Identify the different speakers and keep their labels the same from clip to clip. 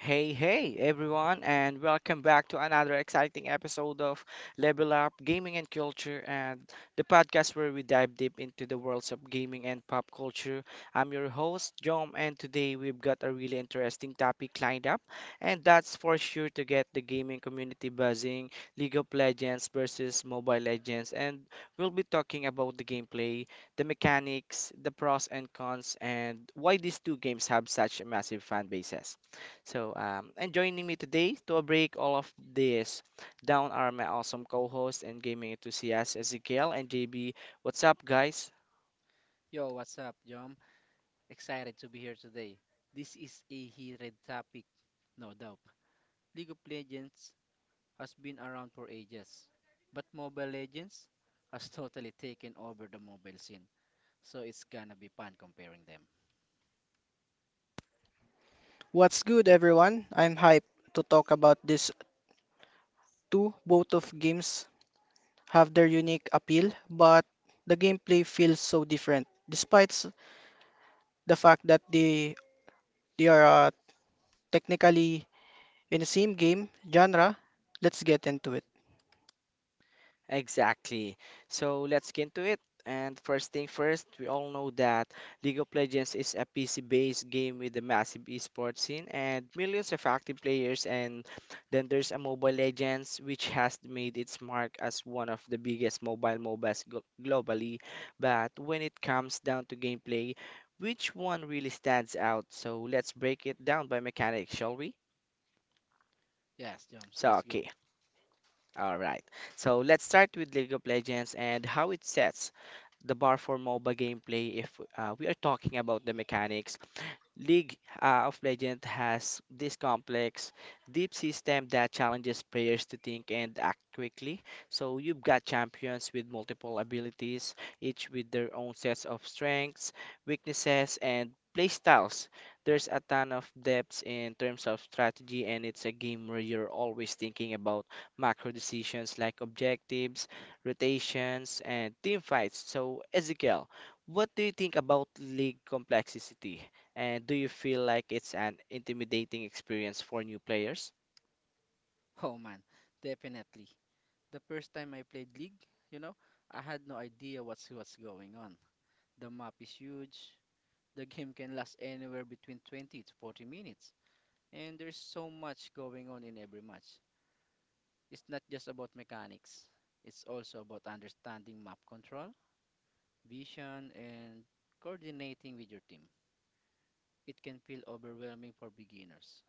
Speaker 1: Hey, hey, everyone, and welcome back to another exciting episode of Level Up Gaming and Culture, and the podcast where we dive deep into the worlds of gaming and pop culture. I'm your host, Jom, and today we've got a really interesting topic lined up, and that's for sure to get the gaming community buzzing League of Legends versus Mobile Legends, and we'll be talking about the gameplay, the mechanics, the pros and cons, and why these two games have such massive fan bases. So, and joining me today to break all of this down are my awesome co hosts and gaming enthusiasts, Ezekiel and JB. What's up, guys?
Speaker 2: Yo, what's up, Jom? Excited to be here today. This is a heated topic, no doubt. League of Legends has been around for ages, but Mobile Legends has totally taken over the mobile scene, so it's gonna be fun comparing them.
Speaker 3: What's good, everyone? I'm hyped to talk about these two. Both of games have their unique appeal, but the gameplay feels so different. The fact that they are technically in the same game genre, let's get into it.
Speaker 1: Exactly. So let's get into it. And first thing first, we all know that League of Legends is a PC-based game with a massive esports scene and millions of active players. And then there's a Mobile Legends, which has made its mark as one of the biggest mobile MOBAs globally. But when it comes down to gameplay, which one really stands out? So let's break it down by mechanics, shall we?
Speaker 2: Yes, Joms,
Speaker 1: So
Speaker 2: let's go.
Speaker 1: okay, all right. So let's start with League of Legends and how it sets the bar for MOBA gameplay. If we are talking about the mechanics, League of Legends has this complex, deep system that challenges players to think and act quickly. So you've got champions with multiple abilities, each with their own sets of strengths, weaknesses, and playstyles. There's a ton of depth in terms of strategy, and it's a game where you're always thinking about macro decisions like objectives, rotations, and team fights. So, Ezekiel, what do you think about league complexity? And do you feel like it's an intimidating experience for new players?
Speaker 2: Oh man, definitely. The first time I played League, you know, I had no idea what's going on. The map is huge. The game can last anywhere between 20 to 40 minutes. And there's so much going on in every match. It's not just about mechanics, it's also about understanding map control, vision, and coordinating with your team. It can feel overwhelming for beginners,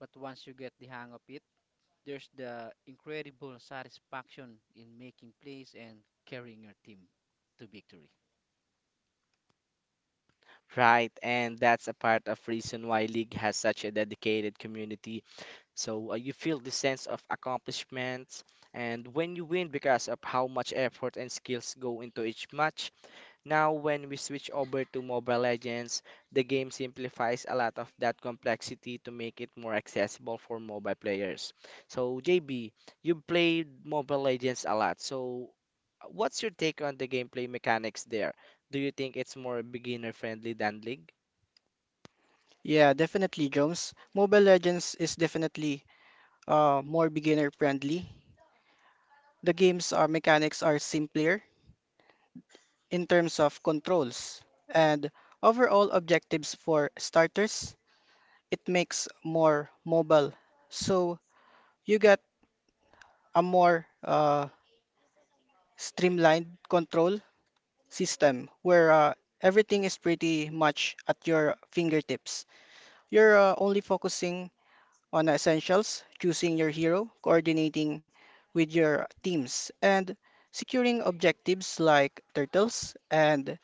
Speaker 2: but once you get the hang of it, there's the incredible satisfaction in making plays and carrying your team to victory.
Speaker 1: Right, and that's a part of reason why League has such a dedicated community. So you feel the sense of accomplishment, and when you win because of how much effort and skills go into each match. Now, when we switch over to Mobile Legends, the game simplifies a lot of that complexity to make it more accessible for mobile players. So, JB, you played Mobile Legends a lot. So, what's your take on the gameplay mechanics there? Do you think it's more beginner friendly than League?
Speaker 3: Yeah, definitely, Jones. Mobile Legends is definitely more beginner friendly. The game's mechanics are simpler in terms of controls and overall objectives for starters it makes more mobile. So you get a more streamlined control system where everything is pretty much at your fingertips. You're only focusing on essentials, choosing your hero, coordinating with your teams, and securing objectives like turtles and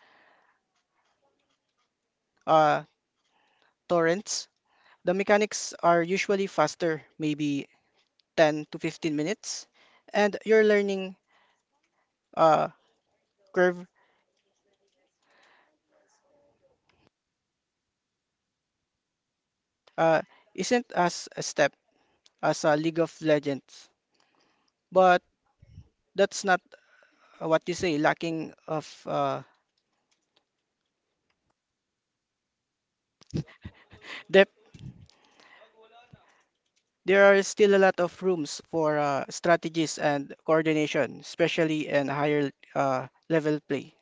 Speaker 3: uh, torrents. The mechanics are usually faster, maybe 10 to 15 minutes, and you're learning uh, curve uh, isn't as a step as a League of Legends, but that's not what you say lacking of depth. There are still a lot of rooms for strategies and coordination, especially in higher level play.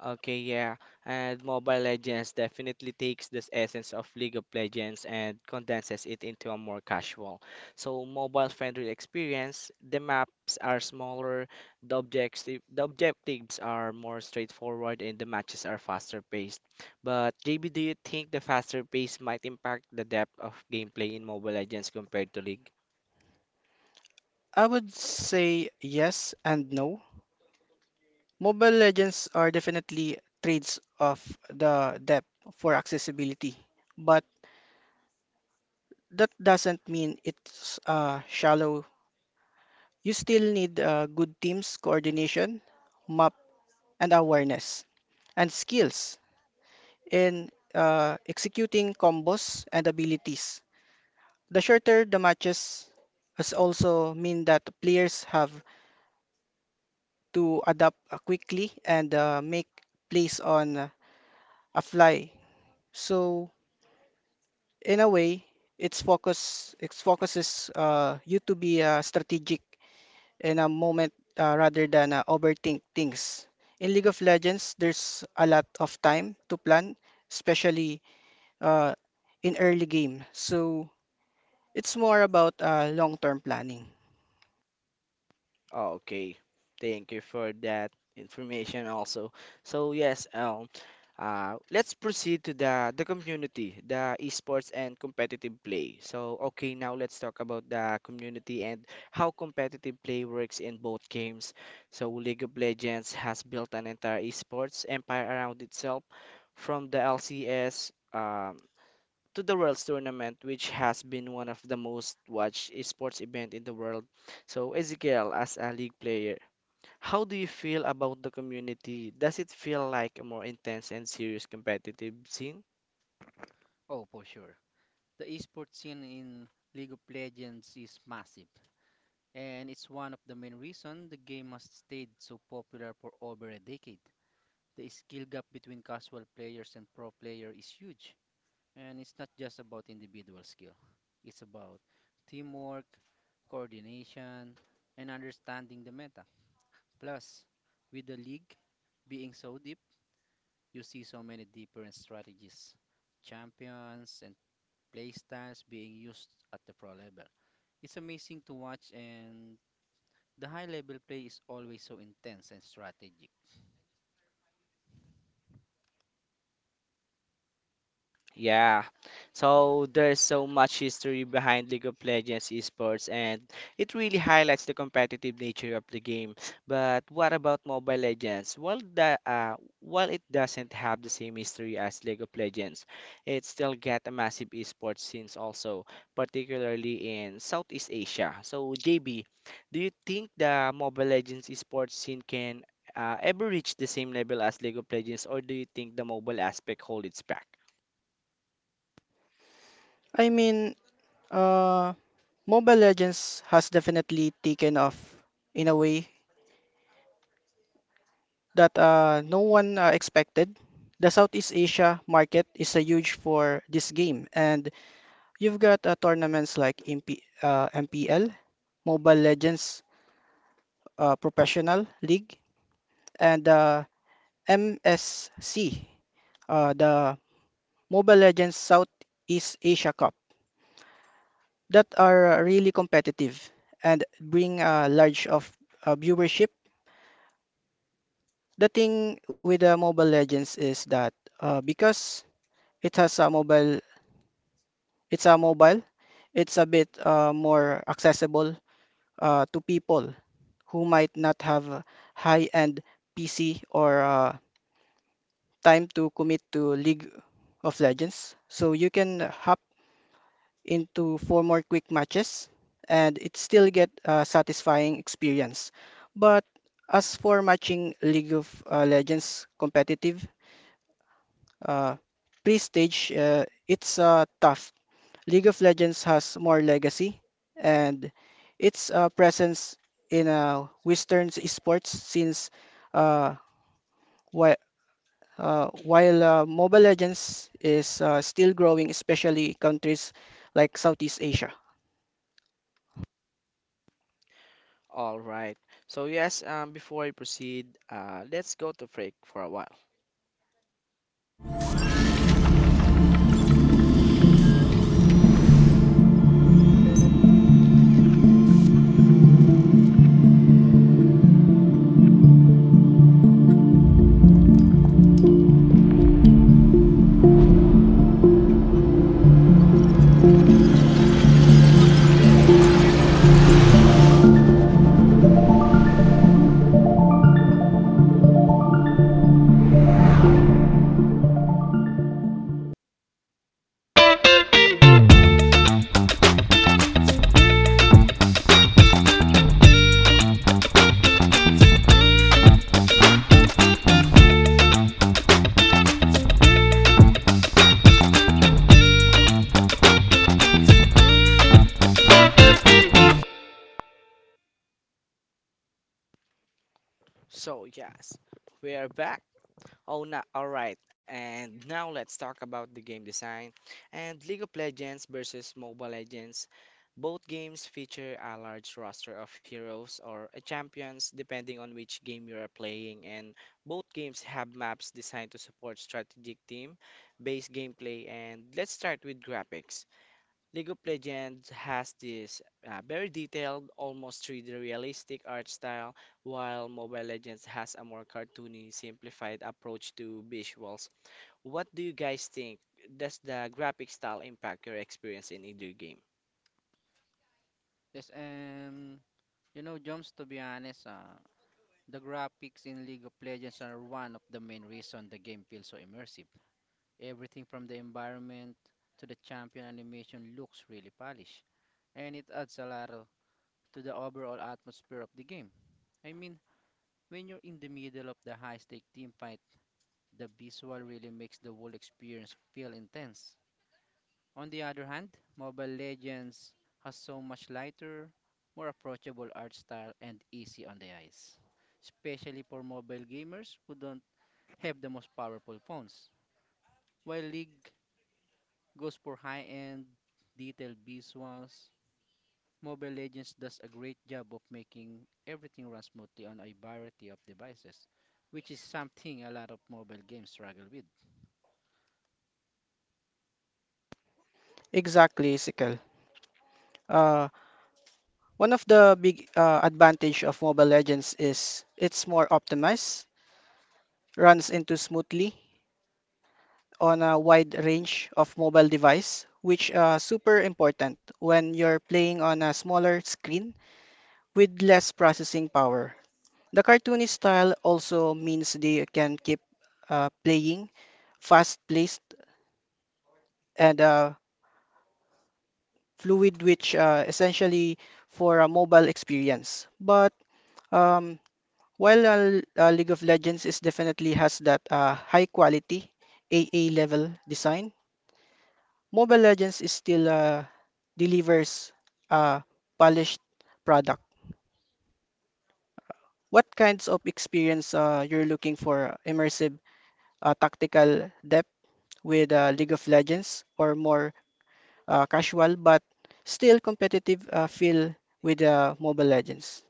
Speaker 1: Okay, yeah. And Mobile Legends definitely takes this essence of League of Legends and condenses it into a more casual, so mobile-friendly experience. The maps are smaller, the objectives are more straightforward, and the matches are faster paced. But JB, do you think the faster pace might impact the depth of gameplay in Mobile Legends compared to League?
Speaker 3: I would say yes and no. Mobile Legends are definitely trades of the depth for accessibility, but that doesn't mean it's shallow. You still need good teams coordination, map and awareness, and skills in executing combos and abilities. The shorter the matches has also mean that players have to adapt quickly and make plays on a fly. So in a way, its focus it focuses you to be strategic in a moment rather than overthink things. In League of Legends, there's a lot of time to plan, especially uh, in early game. So it's more about long-term planning.
Speaker 1: Oh, okay. Thank you for that information also. So yes, um, let's proceed to the community, the esports and competitive play. So, okay, now let's talk about the community and how competitive play works in both games. So, League of Legends has built an entire esports empire around itself, from the LCS to the Worlds Tournament, which has been one of the most watched esports event in the world. So, Ezekiel, as a league player, how do you feel about the community? Does it feel like a more intense and serious competitive scene?
Speaker 2: Oh, for sure. The esports scene in League of Legends is massive, and it's one of the main reasons the game has stayed so popular for over a decade. The skill gap between casual players and pro players is huge, and it's not just about individual skill. It's about teamwork, coordination, and understanding the meta. Plus, with the league being so deep, you see so many different strategies, champions, and playstyles being used at the pro level. It's amazing to watch, and the high level play is always so intense and strategic.
Speaker 1: Yeah, so there's so much history behind League of Legends esports, and it really highlights the competitive nature of the game. But what about Mobile Legends? While it doesn't have the same history as League of Legends, it still got a massive esports scene also, particularly in Southeast Asia. So JB, do you think the Mobile Legends esports scene can ever reach the same level as League of Legends, or do you think the mobile aspect holds it back?
Speaker 3: I mean, uh, Mobile Legends has definitely taken off in a way that no one expected. The Southeast Asia market is a huge for this game, and you've got tournaments like MPL, Mobile Legends Professional League, and the MSC, the Mobile Legends Southeast Asia Cup, that are really competitive and bring a large of viewership. The thing with the Mobile Legends is that because it has a mobile, it's a mobile, it's a bit more accessible to people who might not have a high-end PC or time to commit to league of Legends. So you can hop into four more quick matches and it still get a satisfying experience. But as for matching League of Legends competitive, uh, pre-stage, it's tough. League of Legends has more legacy and its presence in Western esports since uh, whi while Mobile Legends is still growing, especially countries like Southeast Asia.
Speaker 1: All right. Before I proceed, let's go to break for a while. So yes, we are back. Oh, na All right. And now let's talk about the game design and League of Legends versus Mobile Legends. Both games feature a large roster of heroes or champions depending on which game you are playing, and both games have maps designed to support strategic team-based gameplay. And let's start with graphics. League of Legends has this very detailed, almost 3D realistic art style, while Mobile Legends has a more cartoony, simplified approach to visuals. What do you guys think? Does the graphic style impact your experience in either game?
Speaker 2: Yes, and you know, Joms, to be honest, the graphics in League of Legends are one of the main reason the game feels so immersive. Everything from the environment to the champion animation looks really polished, and it adds a lot of to the overall atmosphere of the game. I mean, when you're in the middle of the high-stake team fight, the visual really makes the whole experience feel intense. On the other hand, Mobile Legends has so much lighter, more approachable art style and easy on the eyes, especially for mobile gamers who don't have the most powerful phones. While League goes for high-end, detailed visuals, Mobile Legends does a great job of making everything run smoothly on a variety of devices, which is something a lot of mobile games struggle with.
Speaker 3: Exactly, Sikel. Uh, One of the big advantage of Mobile Legends is it's more optimized, runs into smoothly, on a wide range of mobile device, which are super important when you're playing on a smaller screen with less processing power. The cartoony style also means they can keep playing fast-paced and fluid, which essentially for a mobile experience. But um, while League of Legends is definitely has that high quality AA level design, Mobile Legends is still delivers a polished product. What kinds of experience you're looking for? Immersive tactical depth with League of Legends, or more casual but still competitive feel with Mobile Legends?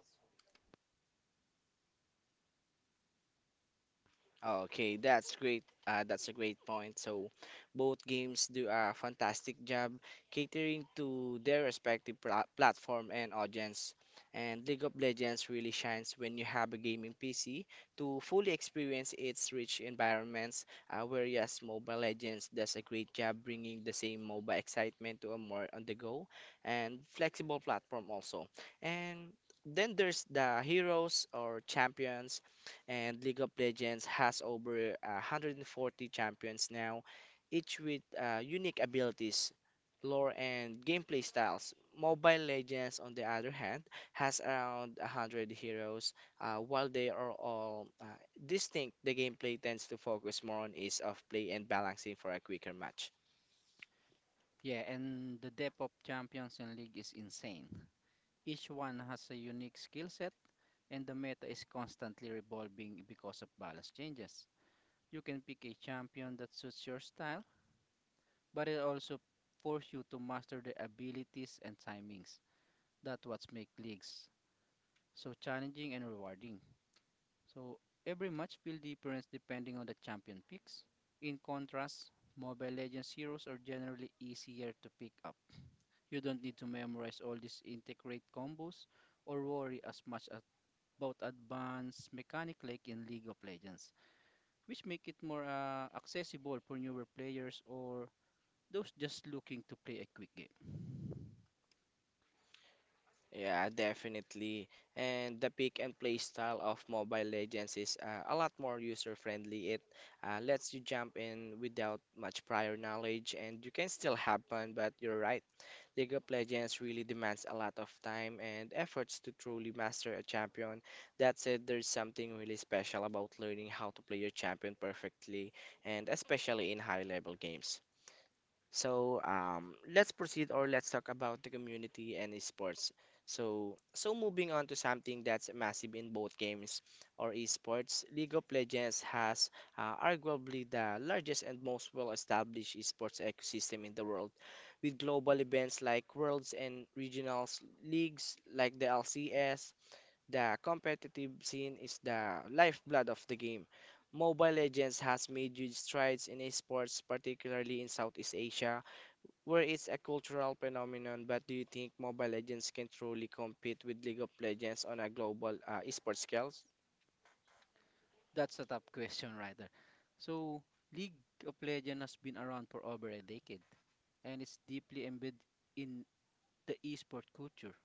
Speaker 1: Okay, that's great. That's a great point. So, both games do a fantastic job catering to their respective platform and audience. And League of Legends really shines when you have a gaming PC to fully experience its rich environments, whereas Mobile Legends does a great job bringing the same MOBA excitement to a more on-the-go and flexible platform also. And then there's the heroes or champions, and League of Legends has over 140 champions now, each with unique abilities, lore, and gameplay styles. Mobile Legends, on the other hand, has around 100 heroes. While they are all distinct, the gameplay tends to focus more on ease of play and balancing for a quicker match.
Speaker 2: Yeah, and the depth of champions in League is insane. Each one has a unique skill set, and the meta is constantly revolving because of balance changes. You can pick a champion that suits your style, but it also forces you to master their abilities and timings. That's what makes leagues so challenging and rewarding. So every match feels different depending on the champion picks. In contrast, Mobile Legends heroes are generally easier to pick up. You don't need to memorize all these integrate combos or worry as much as about advanced mechanic like in League of Legends, which make it more accessible for newer players or those just looking to play a quick game?
Speaker 1: Yeah, definitely. And the pick and play style of Mobile Legends is a lot more user-friendly. It lets you jump in without much prior knowledge, and you can still have fun, but you're right. League of Legends really demands a lot of time and efforts to truly master a champion. That said, there's something really special about learning how to play your champion perfectly, and especially in high-level games. So let's proceed or let's talk about the community and esports. So moving on to something that's massive in both games or esports, League of Legends has arguably the largest and most well-established esports ecosystem in the world, with global events like Worlds and regionals leagues like the LCS. The competitive scene is the lifeblood of the game. Mobile Legends has made huge strides in esports, particularly in Southeast Asia where it's a cultural phenomenon, but do you think Mobile Legends can truly compete with League of Legends on a global esports scale?
Speaker 2: That's a tough question right there. So, League of Legends has been around for over a decade and it's deeply embedded in the esport culture.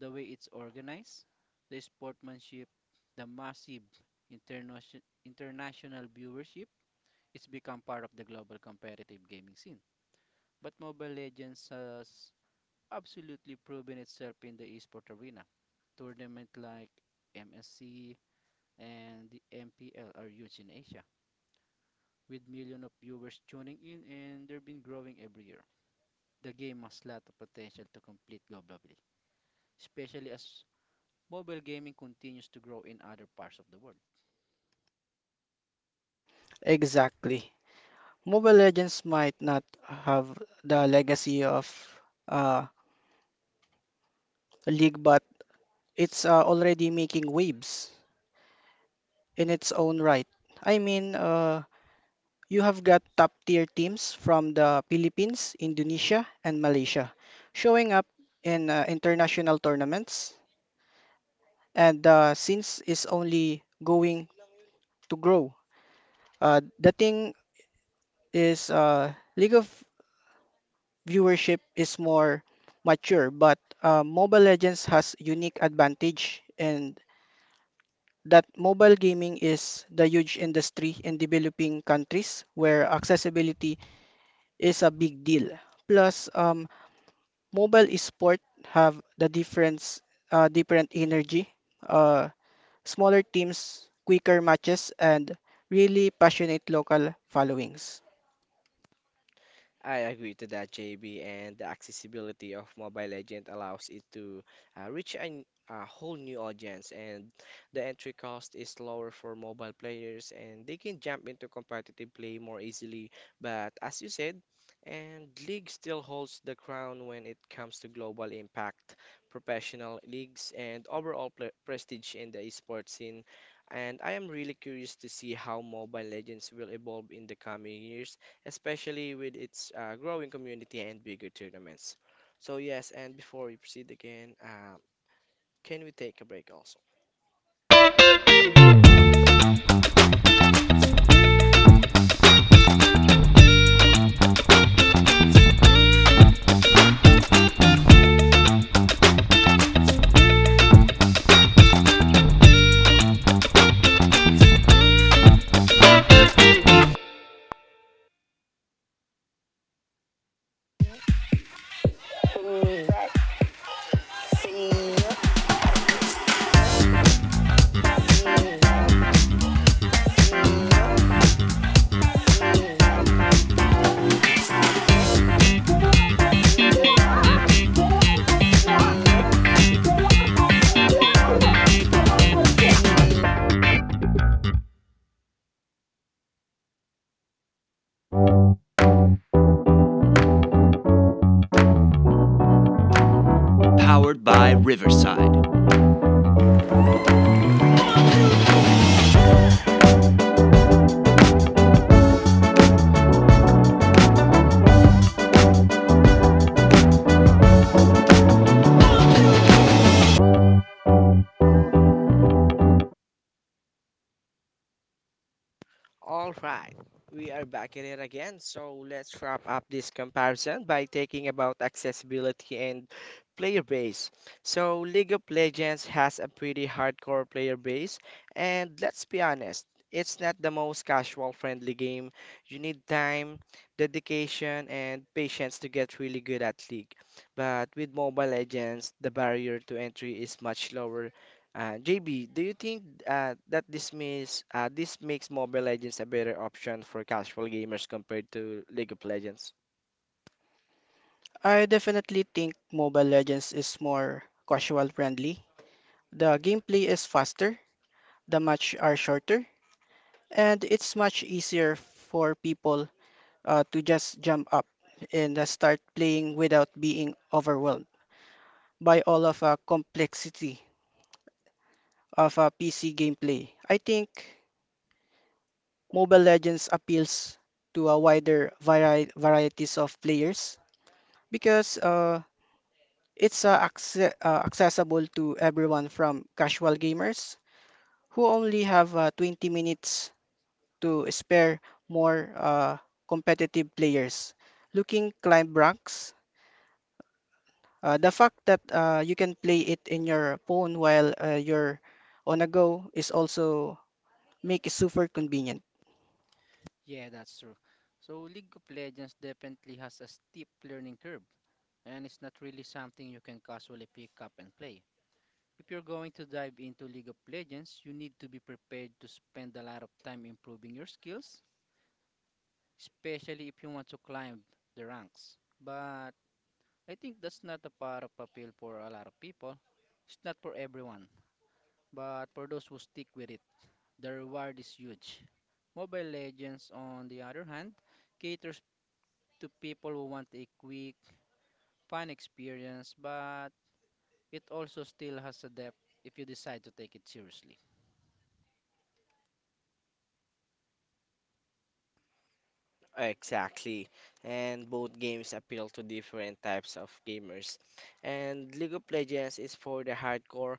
Speaker 2: The way it's organized, the sportsmanship, the massive international viewership, it's become part of the global competitive gaming scene. But Mobile Legends has absolutely proven itself in the esports arena. Tournaments like MSC and the MPL are huge in Asia, with millions of viewers tuning in, and they've been growing every year. The game has lot of potential to compete globally, especially as mobile gaming continues to grow in other parts of the world.
Speaker 3: Exactly. Mobile Legends might not have the legacy of uh, League, but it's already making waves in its own right. I mean, you have got top tier teams from the Philippines, Indonesia, and Malaysia showing up in international tournaments. And since it's only going to grow, the thing is League of viewership is more mature, but Mobile Legends has unique advantage and that mobile gaming is the huge industry in developing countries where accessibility is a big deal. Plus, mobile sport have the difference different energy, uh, smaller teams quicker matches and really passionate local followings.
Speaker 1: I agree to that, JB, and the accessibility of Mobile Legend allows it to uh, reach an, a whole new audience, and the entry cost is lower for mobile players, and they can jump into competitive play more easily. But as you said, and League still holds the crown when it comes to global impact, professional leagues, and overall pl prestige in the esports scene. And I am really curious to see how Mobile Legends will evolve in the coming years, especially with its growing community and bigger tournaments. So, yes, and before we proceed again, can we take a break also? All right, we are back at it again. So let's wrap up this comparison by taking about accessibility and player base. So League of Legends has a pretty hardcore player base, and let's be honest, it's not the most casual friendly game. You need time, dedication, and patience to get really good at League. But with Mobile Legends, the barrier to entry is much lower. JB, do you think that this makes Mobile Legends a better option for casual gamers compared to League of Legends?
Speaker 3: I definitely think mobile legends is more casual friendly, the gameplay is faster, the match are shorter, and it's much easier for people to just jump up and start playing without being overwhelmed by all of a complexity of a PC gameplay. I think Mobile Legends appeals to a wider varieties of players because it's accessible to everyone from casual gamers who only have 20 minutes to spare more competitive players looking climb ranks. The fact that you can play it in your phone while you're on a go is also make it super convenient.
Speaker 2: Yeah, that's true. So League of Legends definitely has a steep learning curve, and it's not really something you can casually pick up and play. If you're going to dive into League of Legends, you need to be prepared to spend a lot of time improving your skills, especially if you want to climb the ranks. But I think that's not a part of appeal for a lot of people. It's not for everyone, but for those who stick with it, the reward is huge. Mobile Legends, on the other hand, caters to people who want a quick, fun experience, but it also still has a depth if you decide to take it seriously.
Speaker 1: Exactly, and both games appeal to different types of gamers. And League of Legends is for the hardcore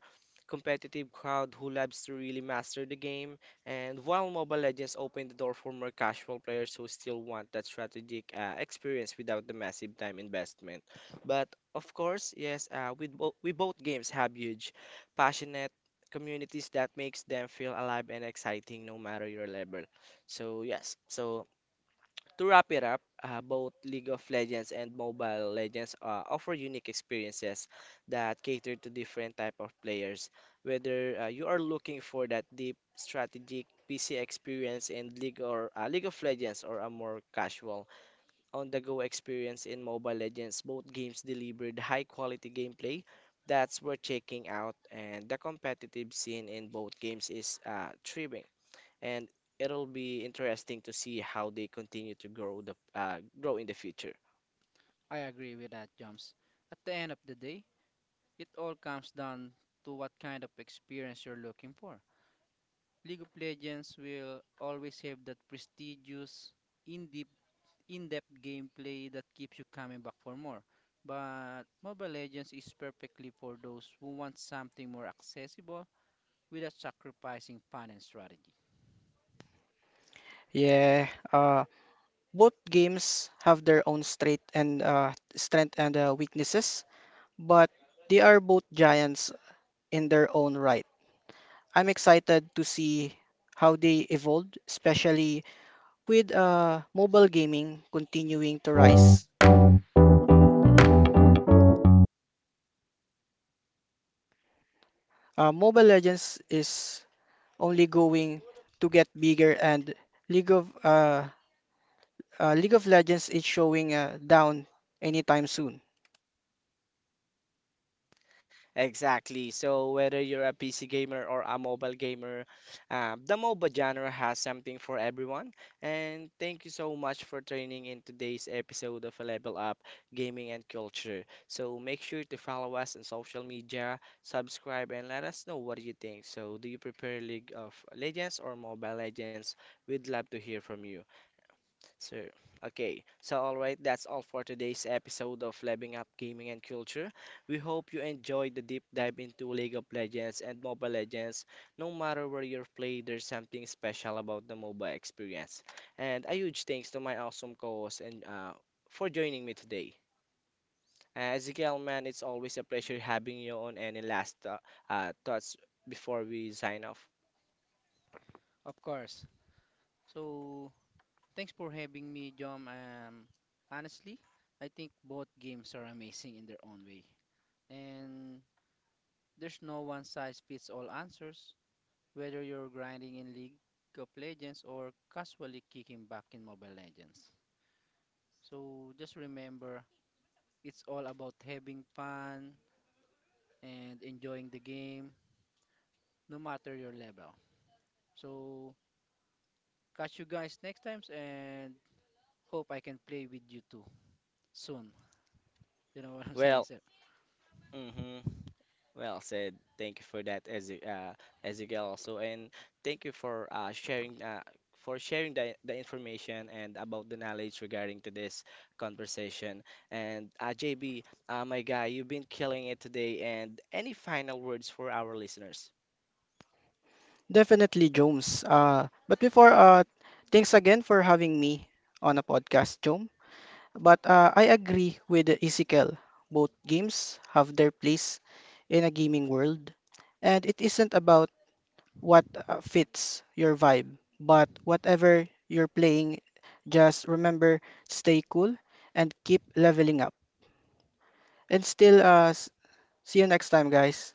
Speaker 1: competitive crowd who loves to really master the game, and while Mobile Legends opened the door for more casual players who still want that strategic experience without the massive time investment. But of course, yes, we, bo we both games have huge, passionate communities that makes them feel alive and exciting no matter your level. So to wrap it up, both League of Legends and Mobile Legends offer unique experiences that cater to different type of players. Whether you are looking for that deep strategic PC experience in League of Legends or a more casual on-the-go experience in Mobile Legends, both games delivered high-quality gameplay that's worth checking out, and the competitive scene in both games is thriving, and it'll be interesting to see how they continue to grow in the future.
Speaker 2: I agree with that, Jumps. At the end of the day, it all comes down to what kind of experience you're looking for. League of Legends will always have that prestigious, in-depth, in-depth gameplay that keeps you coming back for more. But Mobile Legends is perfectly for those who want something more accessible without sacrificing fun and strategy.
Speaker 3: Yeah, both games have their own strength and weaknesses, but they are both giants in their own right. I'm excited to see how they evolved, especially with mobile gaming continuing to rise. Mobile Legends is only going to get bigger and League of uh, League of Legends is showing down anytime soon.
Speaker 1: Exactly. So whether you're a PC gamer or a mobile gamer, the MOBA genre has something for everyone. And thank you so much for tuning in today's episode of Level Up Gaming and Culture. So make sure to follow us on social media, subscribe, and let us know what you think. So do you prefer League of Legends or Mobile Legends? We'd love to hear from you. So, okay. So, all right, that's all for today's episode of Leveling Up Gaming and Culture. We hope you enjoyed the deep dive into League of Legends and Mobile Legends. No matter where you play, there's something special about the mobile experience. And a huge thanks to my awesome co-host and for joining me today. Ezekiel, man, it's always a pleasure having you on. Any last thoughts before we sign off?
Speaker 2: Of course. So, thanks for having me, Jom. Honestly, I think both games are amazing in their own way. And there's no one size fits all answers, whether you're grinding in League of Legends or casually kicking back in Mobile Legends. So just remember, it's all about having fun and enjoying the game, no matter your level. So catch you guys next times and hope I can play with you too soon. You know what I'm saying,
Speaker 1: Well,
Speaker 2: sir?
Speaker 1: mm-hmm. Well said. Thank you for that, Ez Ezekiel also, and thank you for sharing for sharing the information and about the knowledge regarding to this conversation. And JB, my guy, you've been killing it today. And any final words for our listeners?
Speaker 3: Definitely, Jones. Thanks again for having me on a podcast, Jom. But I agree with Ezekiel. Both games have their place in a gaming world, and it isn't about what fits your vibe, but whatever you're playing, just remember, stay cool and keep leveling up. And still, see you next time, guys.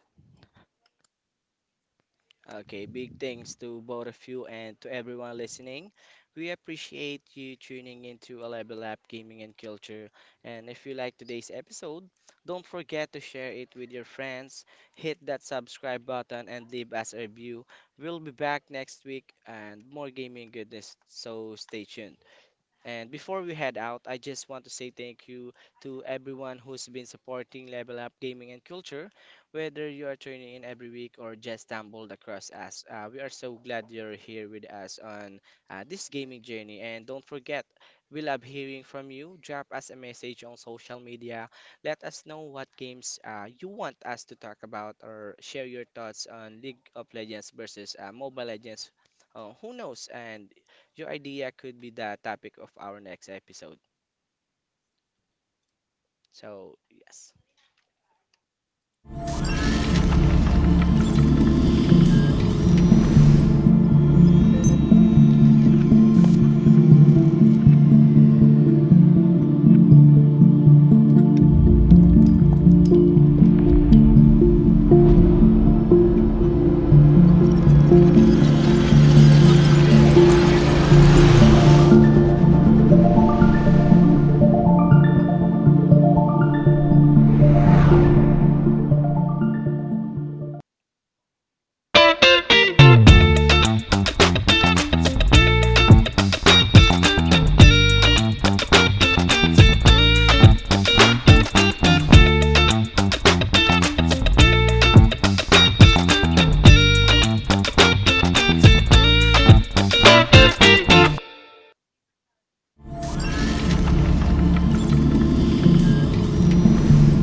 Speaker 1: Okay, big thanks to both of you and to everyone listening. We appreciate you tuning into Eleven Lab Gaming and Culture. And if you like today's episode, don't forget to share it with your friends, hit that subscribe button, and leave us a review. We'll be back next week and more gaming goodness, so stay tuned. And before we head out, I just want to say thank you to everyone who's been supporting Level Up Gaming and Culture, whether you are tuning in every week or just stumbled across us. We are so glad you're here with us on this gaming journey. And don't forget, we love hearing from you. Drop us a message on social media. Let us know what games you want us to talk about or share your thoughts on League of Legends versus Mobile Legends. Who knows? And your idea could be the topic of our next episode. So, yes.